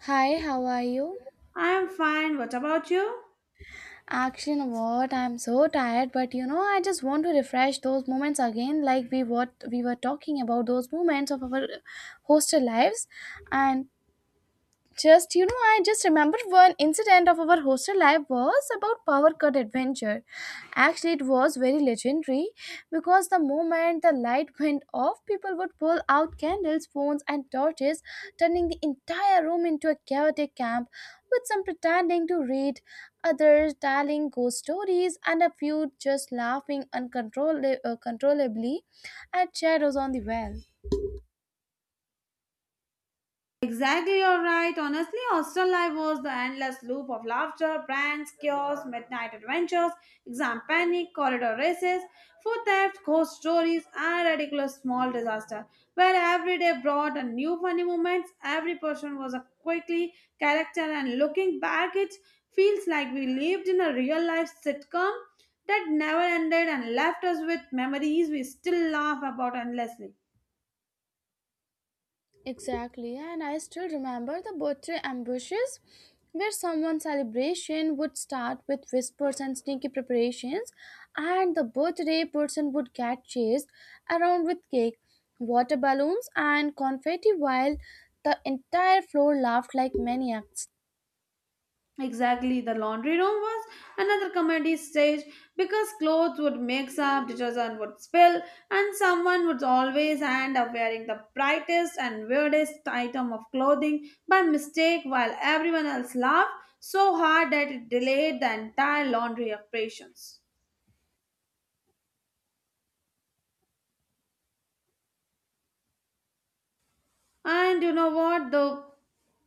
Hi, how are you? I'm fine. What about you? Action, what? I'm so tired, but you know, I just want to refresh those moments again, like we what we were talking about, those moments of our hostel lives. And just, you know, I just remember one incident of our hostel life was about power cut adventure. Actually, it was very legendary because the moment the light went off, people would pull out candles, phones, and torches, turning the entire room into a chaotic camp, with some pretending to read, others telling ghost stories, and a few just laughing uncontrollably controllably at shadows on the wall. Exactly, you're right. Honestly, hostel life was the endless loop of laughter, brands, chaos, midnight adventures, exam panic, corridor races, food theft, ghost stories, and ridiculous small disaster. Where every day brought a new funny moments, every person was a quickly character, and looking back, it feels like we lived in a real life sitcom that never ended and left us with memories we still laugh about endlessly. Exactly, and I still remember the birthday ambushes, where someone's celebration would start with whispers and sneaky preparations, and the birthday person would get chased around with cake, water balloons, and confetti while the entire floor laughed like maniacs. Exactly, the laundry room was another comedy stage because clothes would mix up, detergent would spill, and someone would always end up wearing the brightest and weirdest item of clothing by mistake while everyone else laughed so hard that it delayed the entire laundry operations. And you know what? The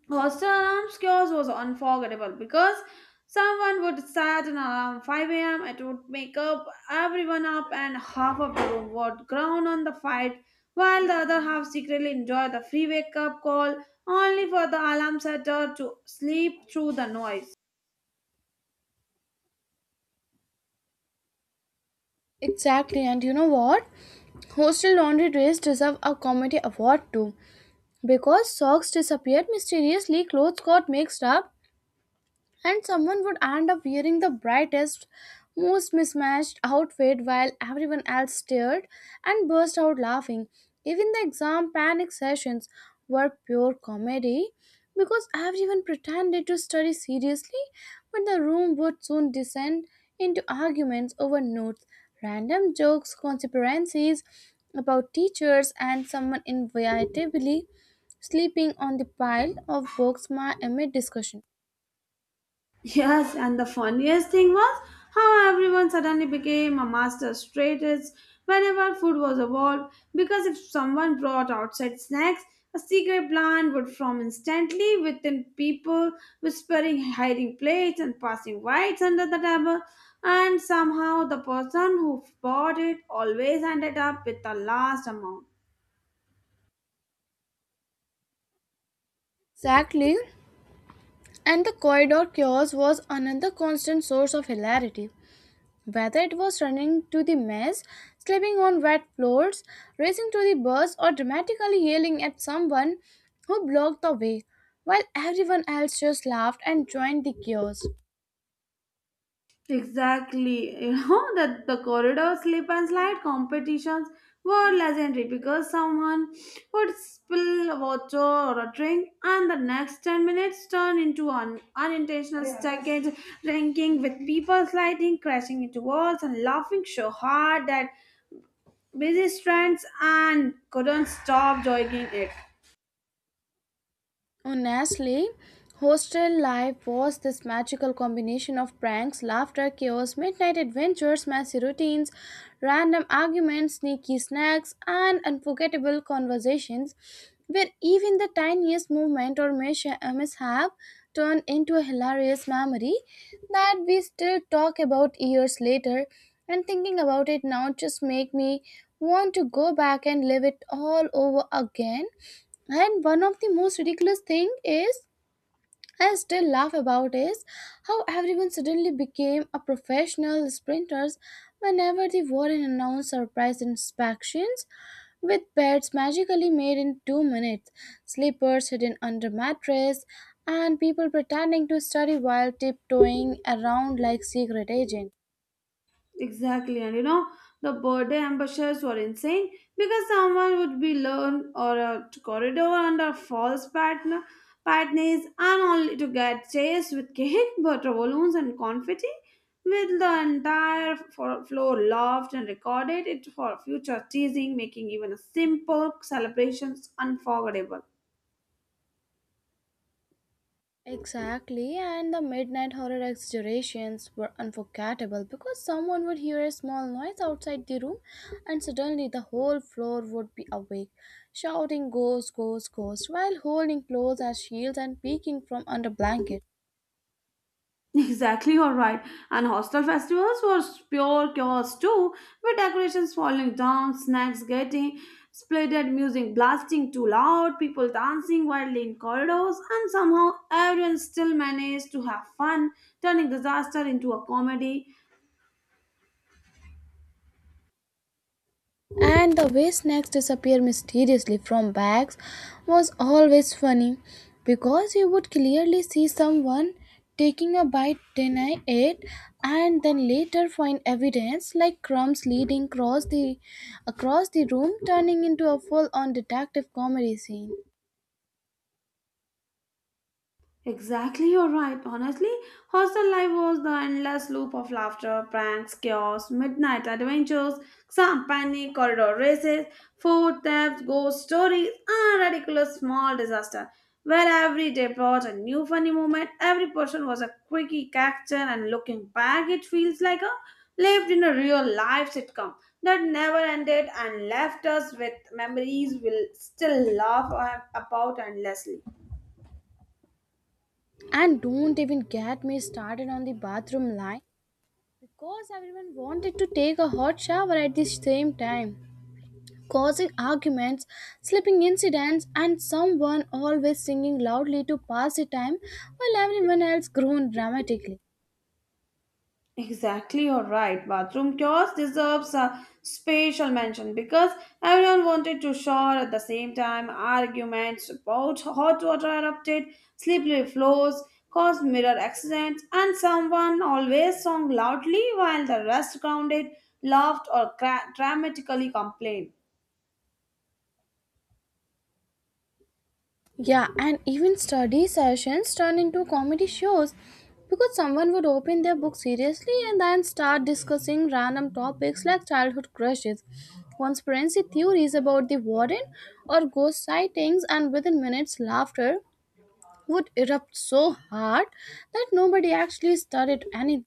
hostel alarm kiosk was unforgettable because someone would set an alarm 5 a.m. It would wake up everyone up, and half of the room would groan on the fight, while the other half secretly enjoyed the free wake up call, only for the alarm setter to sleep through the noise. Exactly, and you know what? Hostel laundry days deserve a comedy award too, because socks disappeared mysteriously, clothes got mixed up, and someone would end up wearing the brightest, most mismatched outfit while everyone else stared and burst out laughing. Even the exam panic sessions were pure comedy because everyone pretended to study seriously, but the room would soon descend into arguments over notes, random jokes, conspiracies about teachers, and someone inevitably sleeping on the pile of books amid discussion. Yes, and the funniest thing was how everyone suddenly became a master strategist whenever food was evolved. Because if someone brought outside snacks, a secret plan would form instantly within people whispering, hiding plates, and passing whites under the table. And somehow the person who bought it always ended up with the last amount. Exactly. And the corridor chaos was another constant source of hilarity, whether it was running to the mess, slipping on wet floors, racing to the bus, or dramatically yelling at someone who blocked the way, while everyone else just laughed and joined the chaos. Exactly. You know that the corridor slip and slide competitions were legendary because someone would spill water or a drink and the next 10 minutes turn into an unintentional stackage, drinking with people sliding, crashing into walls and laughing so hard that busy strands and couldn't stop joining it. Honestly, hostel life was this magical combination of pranks, laughter, chaos, midnight adventures, messy routines, random arguments, sneaky snacks, and unforgettable conversations where even the tiniest movement or mishap turned into a hilarious memory that we still talk about years later. And thinking about it now just make me want to go back and live it all over again, and one of the most ridiculous thing is I still laugh about is how everyone suddenly became a professional sprinters whenever the warden announced surprise inspections, with beds magically made in 2 minutes, slippers hidden under mattress, and people pretending to study while tiptoeing around like secret agents. Exactly, and you know the birthday ambushes were insane because someone would be learned or a corridor under false partner patterns and only to get chased with cake, butter balloons, and confetti. With the entire floor loved and recorded it for future teasing, making even a simple celebrations unforgettable. Exactly, and the midnight horror exaggerations were unforgettable because someone would hear a small noise outside the room, and suddenly the whole floor would be awake, shouting ghost, ghost, ghost, while holding clothes as shields and peeking from under blankets. Exactly, you're right. And hostel festivals were pure chaos too, with decorations falling down, snacks getting splitted, music blasting too loud, people dancing wildly in corridors, and somehow everyone still managed to have fun, turning disaster into a comedy. And the way snacks disappear mysteriously from bags was always funny, because you would clearly see someone taking a bite, deny it, and then later find evidence like crumbs leading across the room, turning into a full on detective comedy scene. Exactly, you're right. Honestly, hostel life was the endless loop of laughter, pranks, chaos, midnight adventures, exam panic, corridor races, food thefts, ghost stories, and ridiculous small disaster. Where every day brought a new funny moment, every person was a quickie character, and looking back, it feels like a lived in a real life sitcom that never ended and left us with memories we'll still laugh about endlessly. And don't even get me started on the bathroom line, because everyone wanted to take a hot shower at the same time, causing arguments, sleeping incidents, and someone always singing loudly to pass the time while everyone else groaned dramatically. Exactly, you're right. Bathroom kiosk deserves a special mention because everyone wanted to shower at the same time. Arguments about hot water erupted, slippery floors caused mirror accidents, and someone always sang loudly while the rest grounded, laughed, or dramatically complained. Yeah, and even study sessions turn into comedy shows because someone would open their book seriously and then start discussing random topics like childhood crushes, conspiracy theories about the warden, or ghost sightings, and within minutes, laughter would erupt so hard that nobody actually studied anything.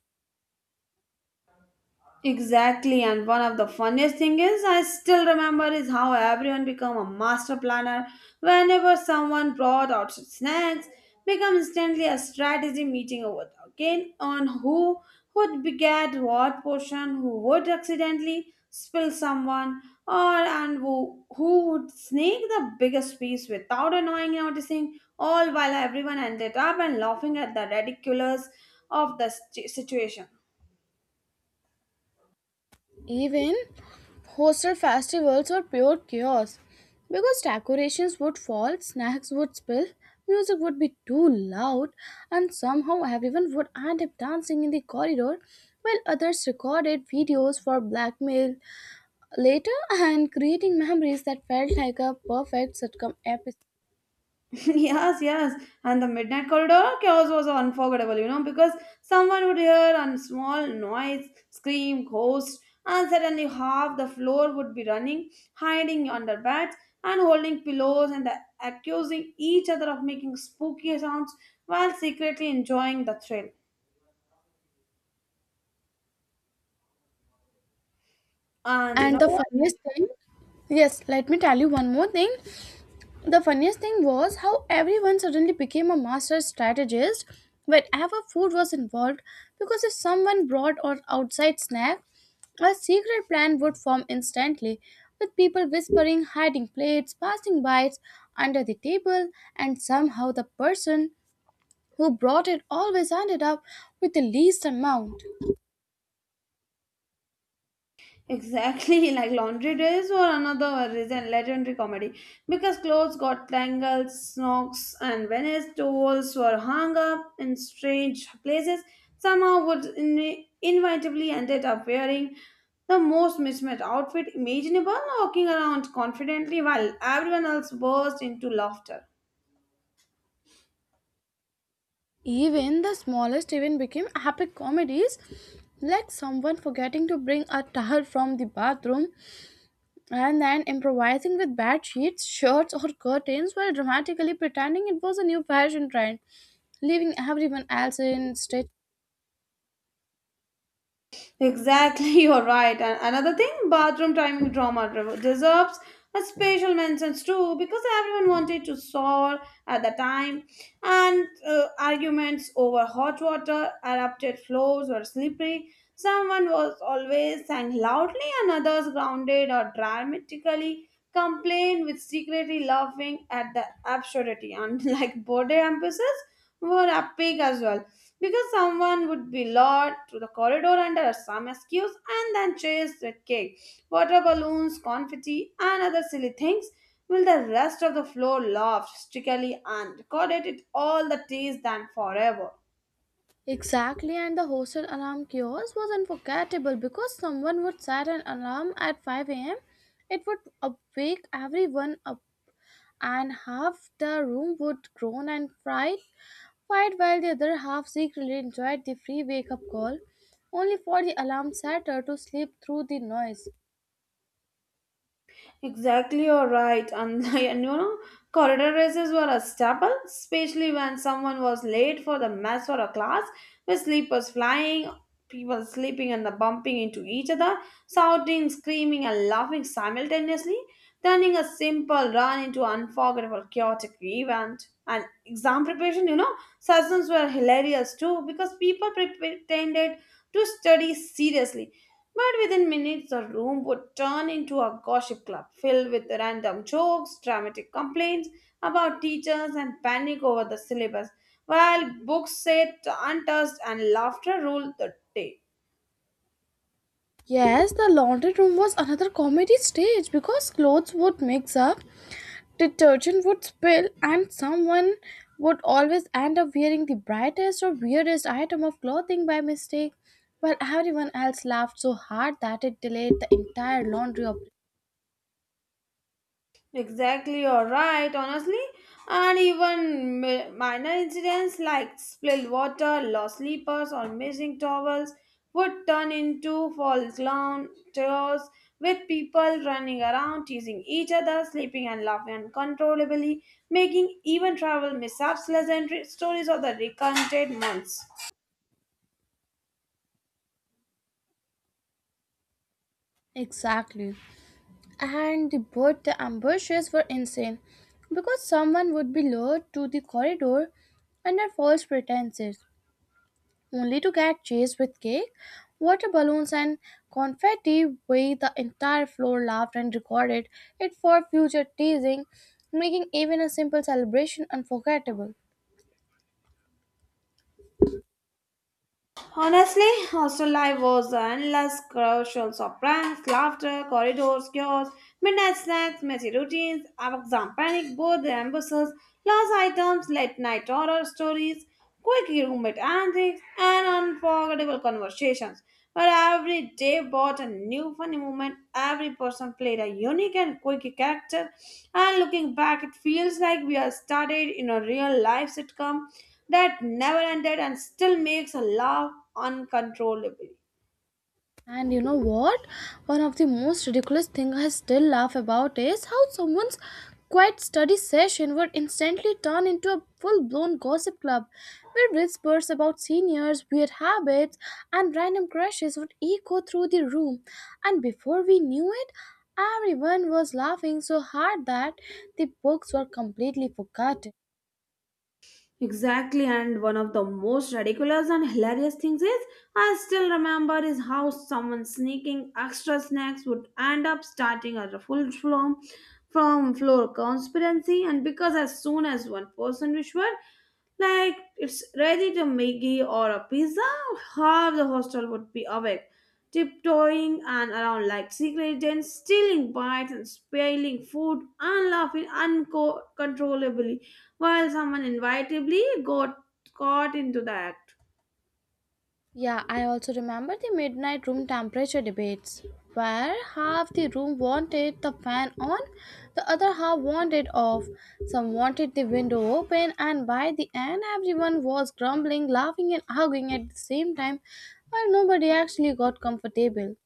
Exactly, and one of the funniest thing is I still remember is how everyone become a master planner whenever someone brought out snacks, become instantly a strategy meeting over again on who would be get what portion, who would accidentally spill someone, or and who would sneak the biggest piece without annoying noticing, all while everyone ended up and laughing at the ridiculous of the situation. Even hostel festivals were pure chaos because decorations would fall, snacks would spill, music would be too loud, and somehow everyone would end up dancing in the corridor while others recorded videos for blackmail later, and creating memories that felt like a perfect sitcom episode. Yes, yes. And the midnight corridor chaos was unforgettable, you know, because someone would hear a small noise, scream, ghost, and suddenly half the floor would be running, hiding under beds and holding pillows and accusing each other of making spooky sounds while secretly enjoying the thrill. And you And the know, funniest thing, yes, let me tell you one more thing. The funniest thing was how everyone suddenly became a master strategist whenever food was involved, because if someone brought an outside snack, a secret plan would form instantly, with people whispering, hiding plates, passing bites under the table, and somehow the person who brought it always ended up with the least amount. exactly like laundry days or another reason legendary comedy because clothes got tangled, snakes and Venice towels were hung up in strange places. Somehow would inevitably ended up wearing the most mismatched outfit imaginable, walking around confidently while everyone else burst into laughter. Even the smallest event became epic comedies, like someone forgetting to bring a towel from the bathroom and then improvising with bed sheets, shirts, or curtains while dramatically pretending it was a new fashion trend, leaving everyone else in stitch. Exactly, you're right. And another thing, bathroom timing drama deserves a special mentions too because everyone wanted to solve at the time, and arguments over hot water, erupted floors were slippery. Someone was always sang loudly, and others grounded or dramatically complained with secretly laughing at the absurdity. And like body emphasis were epic as well because someone would be lured to the corridor under some excuse and then chased with cake, water balloons, confetti, and other silly things, while the rest of the floor laughed hysterically and recorded it all the days then forever. Exactly, and the hostel alarm kiosk was unforgettable because someone would set an alarm at 5 a.m. It would wake everyone up, and half the room would groan and fight while the other half secretly enjoyed the free wake up call, only for the alarm setter to sleep through the noise. Exactly, you're right. And, and you know, corridor races were a staple, especially when someone was late for the mess or a class, with sleepers flying, people sleeping and the bumping into each other, shouting, screaming, and laughing simultaneously, turning a simple run into unforgettable chaotic event. And exam preparation, you know, sessions were hilarious too because people pretended to study seriously but within minutes, the room would turn into a gossip club filled with random jokes, dramatic complaints about teachers, and panic over the syllabus, while books sat untouched and laughter ruled the day. Yes, the laundry room was another comedy stage because clothes would mix up, detergent would spill, and someone would always end up wearing the brightest or weirdest item of clothing by mistake, while everyone else laughed so hard that it delayed the entire laundry operation. Exactly, you're right, honestly. And even minor incidents like spilled water, lost slippers, or missing towels would turn into false clown chaos with people running around, teasing each other, sleeping and laughing uncontrollably, making even travel mishaps legendary stories of the recounted months. Exactly. And the both the ambushes were insane because someone would be lured to the corridor under false pretenses, only to get chased with cake, water balloons, and confetti way the entire floor laughed and recorded it for future teasing, making even a simple celebration unforgettable. Honestly, hostel life was endless crucial of pranks, laughter, corridors, chaos, midnight snacks, messy routines, exam panic, both the ambuses, lost items, late night horror stories, quick roommate antics, and unforgettable conversations. But every day brought a new funny moment. Every person played a unique and quirky character, and looking back, it feels like we are started in a real life sitcom that never ended and still makes a laugh uncontrollably. And you know what? One of the most ridiculous things I still laugh about is how someone's quiet study session would instantly turn into a full blown gossip club, where whispers about seniors, weird habits, and random crushes would echo through the room. And before we knew it, everyone was laughing so hard that the books were completely forgotten. Exactly, and one of the most ridiculous and hilarious things is I still remember is how someone sneaking extra snacks would end up starting a full flown from floor conspiracy, and because as soon as one person whispered, like it's ready to Maggie or a pizza, half the hostel would be awake, tiptoeing and around like secret agents, stealing bites and spilling food and laughing uncontrollably, while someone inevitably got caught into the act. Yeah, I also remember the midnight room temperature debates, where half the room wanted the fan on, the other half wanted off. Some wanted the window open, and by the end, everyone was grumbling, laughing, and arguing at the same time, while nobody actually got comfortable.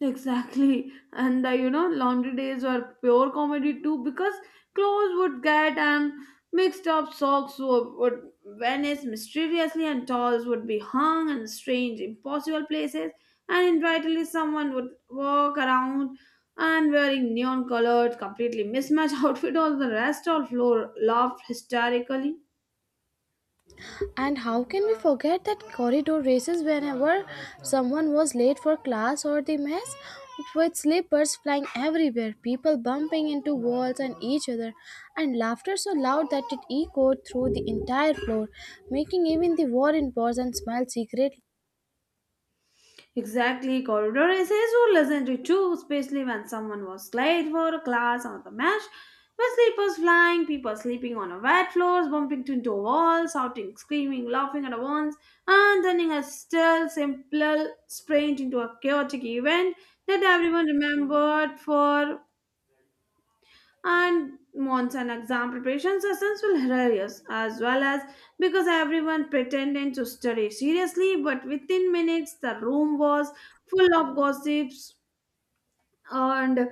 Exactly. And the, you know, laundry days were pure comedy too because clothes would get and mixed up socks would vanish mysteriously and towels would be hung in strange, impossible places. And invariably someone would walk around and wearing neon colored, completely mismatched outfit on the rest of floor laughed hysterically. And how can we forget that corridor races whenever someone was late for class or the mess? With slippers flying everywhere, people bumping into walls and each other, and laughter so loud that it echoed through the entire floor, making even the warren pause and smile secretly. Exactly, corridor essays were listened to too, especially when someone was late for a class or the match. With sleepers flying, people sleeping on a wet floors, bumping into walls, shouting, screaming, laughing at once, and turning a still simple sprint into a chaotic event that everyone remembered for and monsoon exam preparation sessions were hilarious as well as because everyone pretended to study seriously but within minutes the room was full of gossips and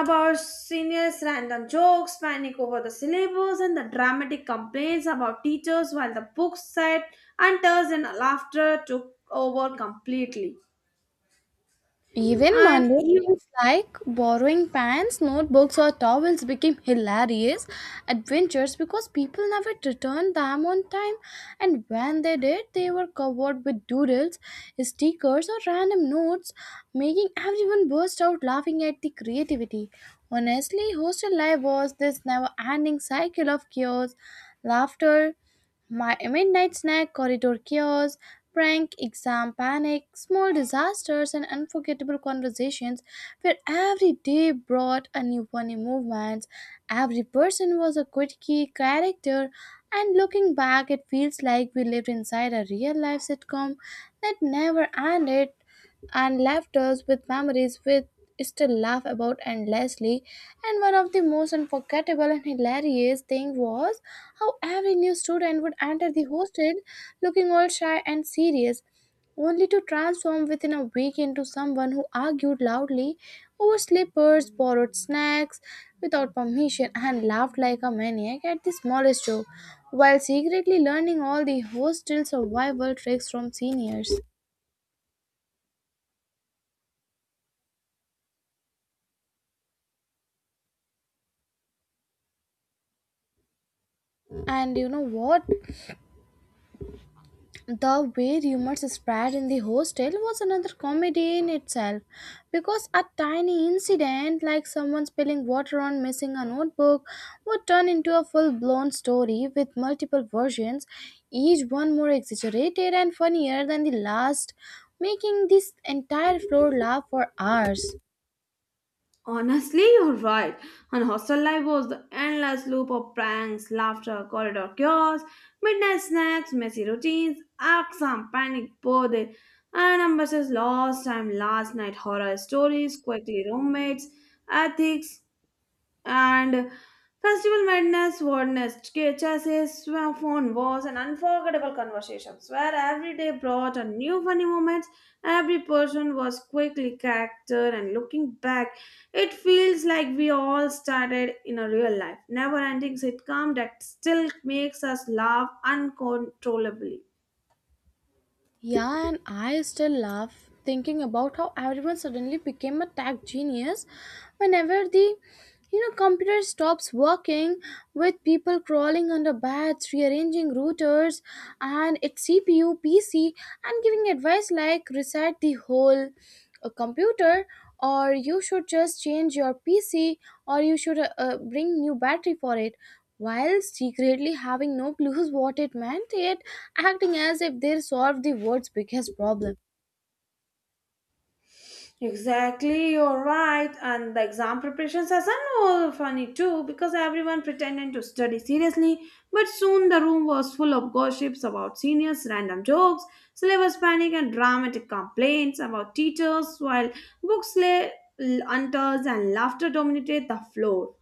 about seniors random jokes panic over the syllabus and the dramatic complaints about teachers while the books said and tears and laughter took over completely Even and mundane even things like borrowing pants, notebooks, or towels became hilarious adventures, because people never returned them on time, and when they did, they were covered with doodles, stickers, or random notes, making everyone burst out laughing at the creativity. Honestly, hostel life was this never ending cycle of chaos, laughter, my midnight snack, corridor chaos, prank, exam panic, small disasters, and unforgettable conversations where every day brought a new funny movement. Every person was a good key character, and looking back, it feels like we lived inside a real life sitcom that never ended and left us with memories we still laugh about endlessly. And one of the most unforgettable and hilarious thing was how every new student would enter the hostel looking all shy and serious, only to transform within a week into someone who argued loudly over slippers, borrowed snacks without permission, and laughed like a maniac at the smallest joke, while secretly learning all the hostel survival tricks from seniors. And you know what? The way rumors spread in the hostel was another comedy in itself, because a tiny incident like someone spilling water on missing a notebook would turn into a full blown story with multiple versions, each one more exaggerated and funnier than the last, making this entire floor laugh for hours. honestly, you're right. And hostel life was the endless loop of pranks, laughter, corridor chaos, midnight snacks, messy routines, exam panic, birthday, and ambitious lost time, last night horror stories, quickly roommates, ethics, and festival madness wordness chassis phone was an unforgettable conversations where every day brought a new funny moments, every person was quickly character, and looking back it feels like we all started in a real life never ending sitcom that still makes us laugh uncontrollably. Yeah, and I still laugh thinking about how everyone suddenly became a tech genius whenever the, you know, computer stops working, with people crawling under beds, rearranging routers and its cpu pc, and giving advice like reset the whole computer, or you should just change your pc, or you should bring new battery for it, while secretly having no clues what it meant, yet acting as if they solved the world's biggest problem. Exactly, you're right. And the exam preparations are so funny too because everyone pretended to study seriously, but soon the room was full of gossips about seniors, random jokes, syllabus panic, and dramatic complaints about teachers, while books lay untouched and laughter dominated the floor.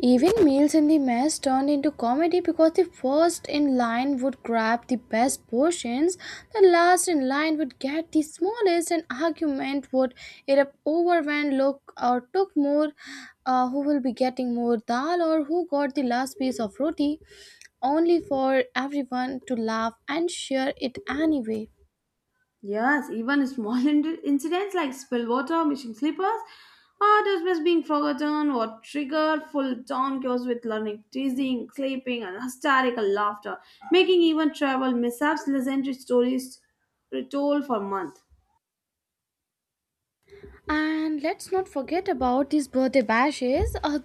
Even meals in the mess turned into comedy because the first in line would grab the best portions, the last in line would get the smallest, and argument would erupt over when look or took more, who will be getting more dal or who got the last piece of roti, only for everyone to laugh and share it anyway. Yes, even small incidents like spilled water, missing slippers, or dismiss being forgotten, what trigger full town chaos with learning, teasing, sleeping, and hysterical laughter, making even travel mishaps legendary stories retold for months. And let's not forget about these birthday bashes. Uh,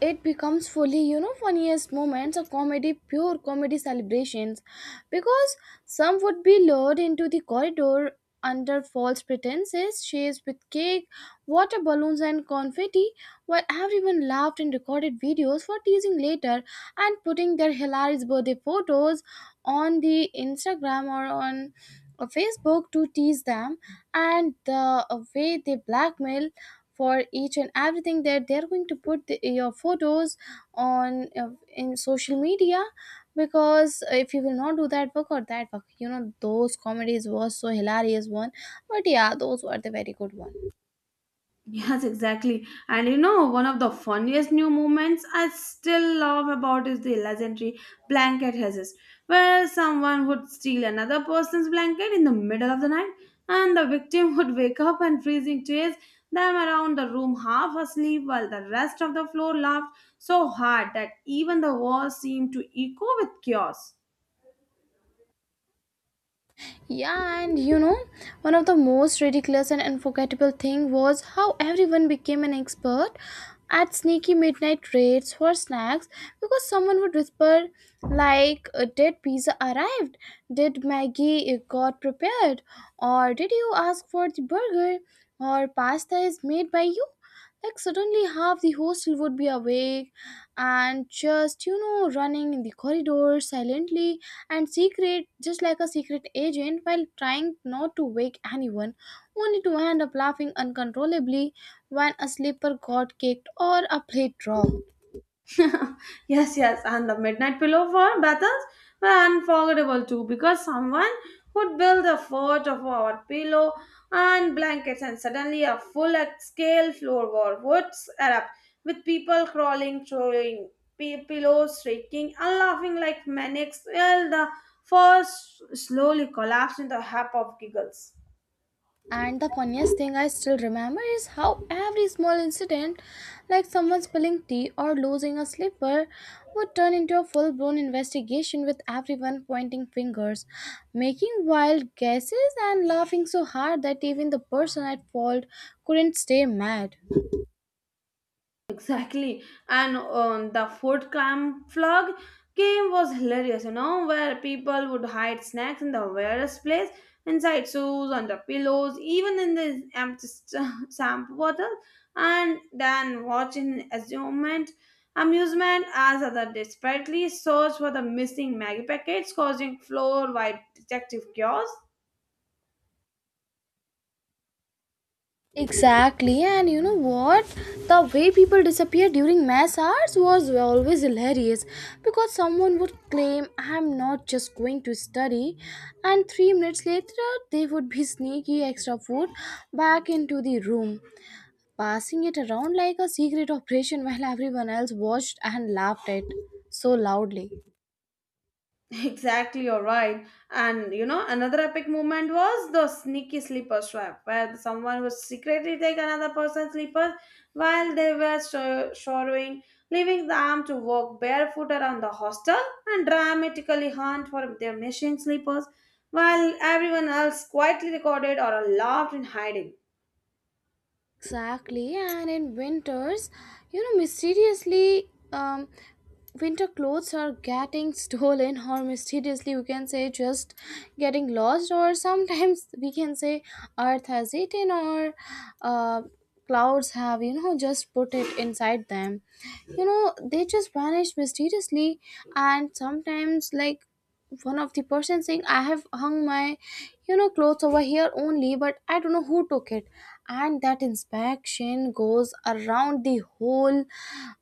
it becomes fully, you know, funniest moments of comedy, pure comedy celebrations. Because some would be lured into the corridor under false pretenses, chased with cake, water balloons, and confetti, while everyone laughed and recorded videos for teasing later and putting their hilarious birthday photos on the Instagram or on a Facebook to tease them, and the way they blackmail for each and everything that they're going to put the, your photos on in social media because if you will not do that work or that work, you know, those comedies was so hilarious one, but yeah, those were the very good one. Yes, exactly. And you know, one of the funniest new movements I still love about is the legendary blanket heist, where someone would steal another person's blanket in the middle of the night, and the victim would wake up and freezing chase them around the room half asleep while the rest of the floor laughed so hard that even the walls seemed to echo with chaos. Yeah, and you know, one of the most ridiculous and unforgettable thing was how everyone became an expert at sneaky midnight raids for snacks, because someone would whisper like, "Did pizza arrived, did maggie got prepared, or did you ask for the burger, or pasta is made by you?" Like suddenly half the hostel would be awake and just, you know, running in the corridor silently and secret, just like a secret agent, while trying not to wake anyone, only to end up laughing uncontrollably when a slipper got kicked or a plate dropped. Yes, yes, and the midnight pillow for battles were unforgettable too because someone would build a fort of our pillow and blankets, and suddenly a full scale floor war would erupt with people crawling, throwing pillows, shrieking, and laughing like maniacs while the forest slowly collapsed into a heap of giggles. And the funniest thing I still remember is how every small incident, like someone spilling tea or losing a slipper, would turn into a full blown investigation with everyone pointing fingers, making wild guesses, and laughing so hard that even the person at fault couldn't stay mad. Exactly. And the food camouflage game was hilarious, you know, where people would hide snacks in the weirdest place, inside shoes, under pillows, even in the empty shampoo bottle, and then watch in amusement as other desperately search for the missing Maggie packets, causing floor-wide detective chaos. Exactly, and you know what? The way people disappeared during mass hours was always hilarious, because someone would claim, "I'm not just going to study," and 3 minutes later they would be sneaky extra food back into the room, passing it around like a secret operation while everyone else watched and laughed at so loudly. Exactly, you're right. And you know, another epic moment was the sneaky sleeper swap, where someone would secretly take another person's slippers while they were showering, leaving them to walk barefoot around the hostel and dramatically hunt for their missing slippers, while everyone else quietly recorded or laughed in hiding. Exactly, and in winters, you know, mysteriously, winter clothes are getting stolen, or mysteriously, we can say just getting lost, or sometimes we can say Earth has eaten, or uh, clouds have, you know, just put it inside them. You know, they just vanish mysteriously, and sometimes, like, one of the person saying, "I have hung my, you know, clothes over here only, but I don't know who took it." And that inspection goes around the whole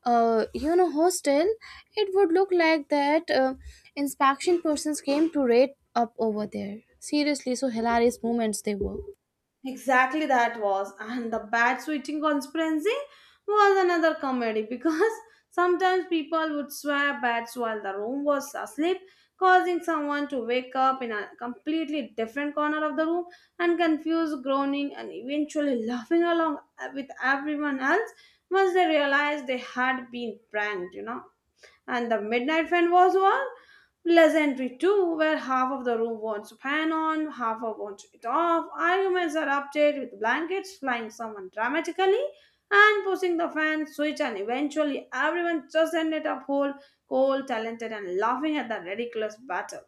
you know, hostel. It would look like that inspection persons came to rate up over there. Seriously, so hilarious moments they were. Exactly that was. And the bat switching conspiracy was another comedy because sometimes people would swap bats while the room was asleep, causing someone to wake up in a completely different corner of the room and confused, groaning, and eventually laughing along with everyone else once they realized they had been pranked, you know. And the midnight fan was one pleasantry too, where half of the room wants to fan on, half of wants it off. Arguments erupted with blankets flying someone dramatically and pushing the fan switch, and eventually everyone just ended up whole, cold, talented, and laughing at the ridiculous battle.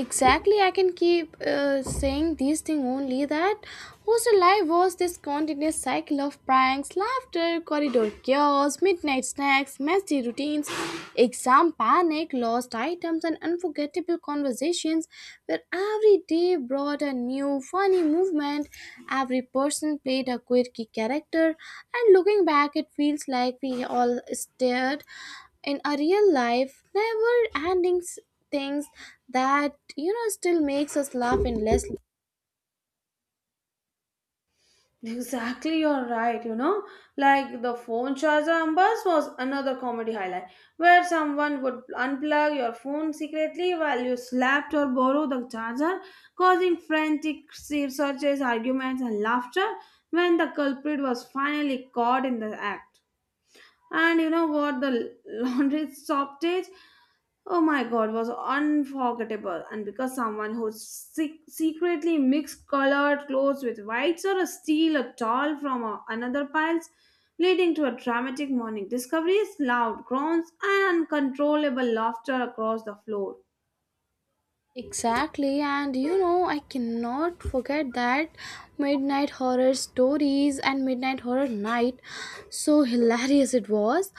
Exactly, I can keep saying these things only, that hostel life was this continuous cycle of pranks, laughter, corridor chaos, midnight snacks, messy routines, exam panic, lost items, and unforgettable conversations, where every day brought a new funny movement, every person played a quirky character, and looking back, it feels like we all stared in a real life never ending things that, you know, still makes us laugh endlessly. Exactly, you're right. You know, like the phone charger ambers was another comedy highlight where someone would unplug your phone secretly while you slapped or borrowed the charger, causing frantic searches, arguments, and laughter when the culprit was finally caught in the act. And you know what? The laundry stoppage, oh my god, was unforgettable. And because someone who secretly mixed colored clothes with whites or a steal a doll from another piles, leading to a dramatic morning discoveries, loud groans, and uncontrollable laughter across the floor. Exactly, and you know, I cannot forget that midnight horror stories and midnight horror night. So hilarious it was,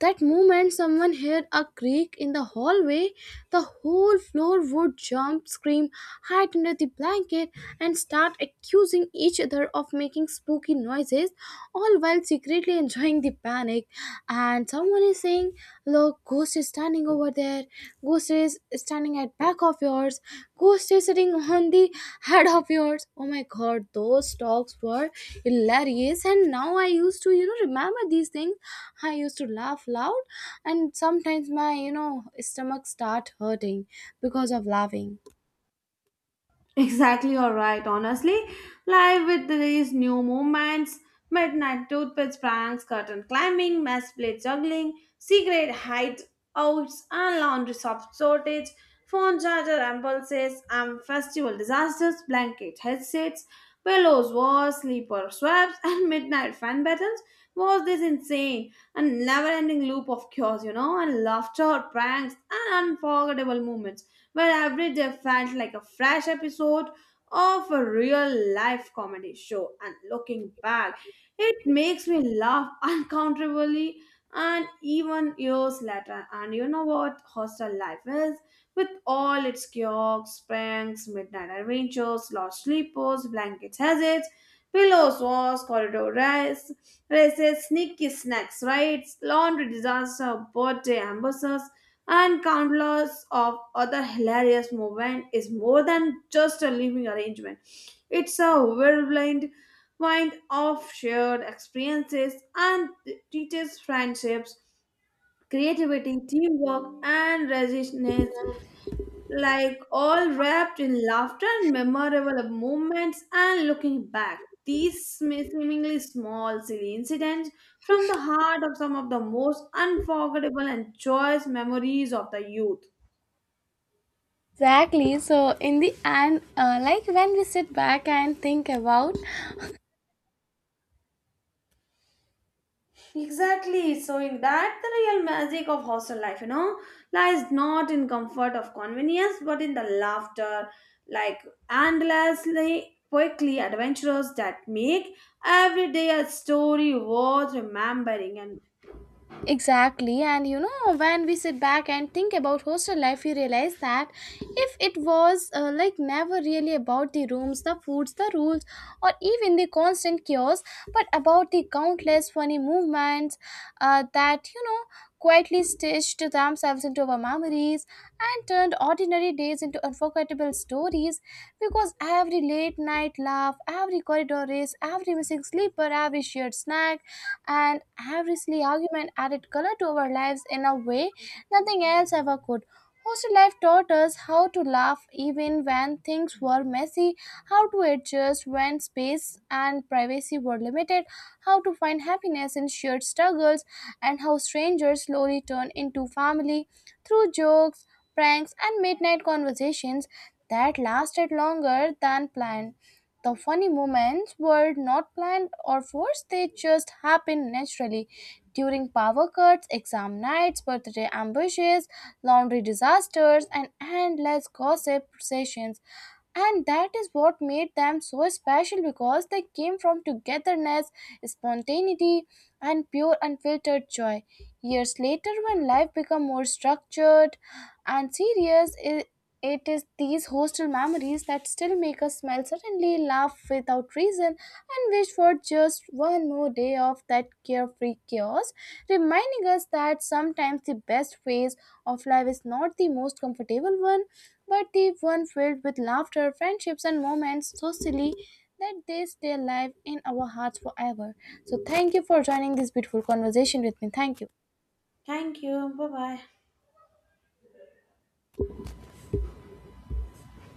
that moment someone heard a creak in the hallway, the whole floor would jump, scream, hide under the blanket, and start accusing each other of making spooky noises, all while secretly really enjoying the panic. And someone is saying, "Look, ghost is standing over there, ghost is standing at back of yours, ghost is sitting on the head of yours." Oh my god, those talks were hilarious. And now I used to, you know, remember these things, I used to laugh loud, and sometimes my, you know, stomach start hurting because of laughing. Exactly, all right. Honestly, live with these new movements, midnight toothpicks pranks, curtain climbing, mess plate juggling, secret hideouts, and laundry soft shortage, phone charger impulses, and festival disasters, blanket headsets, pillows wars, sleeper swaps, and midnight fan battles was this insane and never-ending loop of cures, you know, and laughter, pranks, and unforgettable moments where every day felt like a fresh episode of a real life comedy show. And looking back, it makes me laugh uncountably, and even years later. And you know what hostel life is? With all its kiosks, pranks, midnight adventures, lost sleepers, blanket hazards, pillows, wars, corridor rides races, sneaky snacks, riots, laundry disaster, birthday ambushes, and countless of other hilarious movement is more than just a living arrangement. It's a whirlwind mind of shared experiences and teaches friendships, creativity, teamwork, and resilience like all wrapped in laughter and memorable moments, and looking back these seemingly small silly incidents from the heart of some of the most unforgettable and joyous memories of the youth. Exactly, so in the end, like when we sit back and think about. Exactly, so in that the real magic of hostel life, you know, lies not in comfort of convenience but in the laughter, like endlessly quickly adventures that make every day a story worth remembering. And Exactly, and you know, when we sit back and think about hostel life, we realize that if it was like, never really about the rooms, the foods, the rules, or even the constant chaos, but about the countless funny movements that, you know, quietly stitched themselves into our memories and turned ordinary days into unforgettable stories, because every late night laugh, every corridor race, every missing sleeper, every shared snack, and every silly argument added color to our lives in a way nothing else ever could. Hostel life taught us how to laugh even when things were messy, how to adjust when space and privacy were limited, how to find happiness in shared struggles, and how strangers slowly turn into family through jokes, pranks, and midnight conversations that lasted longer than planned. The funny moments were not planned or forced, they just happened naturally, during power cuts, exam nights, birthday ambushes, laundry disasters, and endless gossip sessions. And that is what made them so special, because they came from togetherness, spontaneity, and pure unfiltered joy. Years later, when life became more structured and serious, it is these hostel memories that still make us smile suddenly, laugh without reason, and wish for just one more day of that carefree chaos, reminding us that sometimes the best phase of life is not the most comfortable one, but the one filled with laughter, friendships, and moments so silly that they stay alive in our hearts forever. So, thank you for joining this beautiful conversation with me. Thank you. thank you. Bye bye.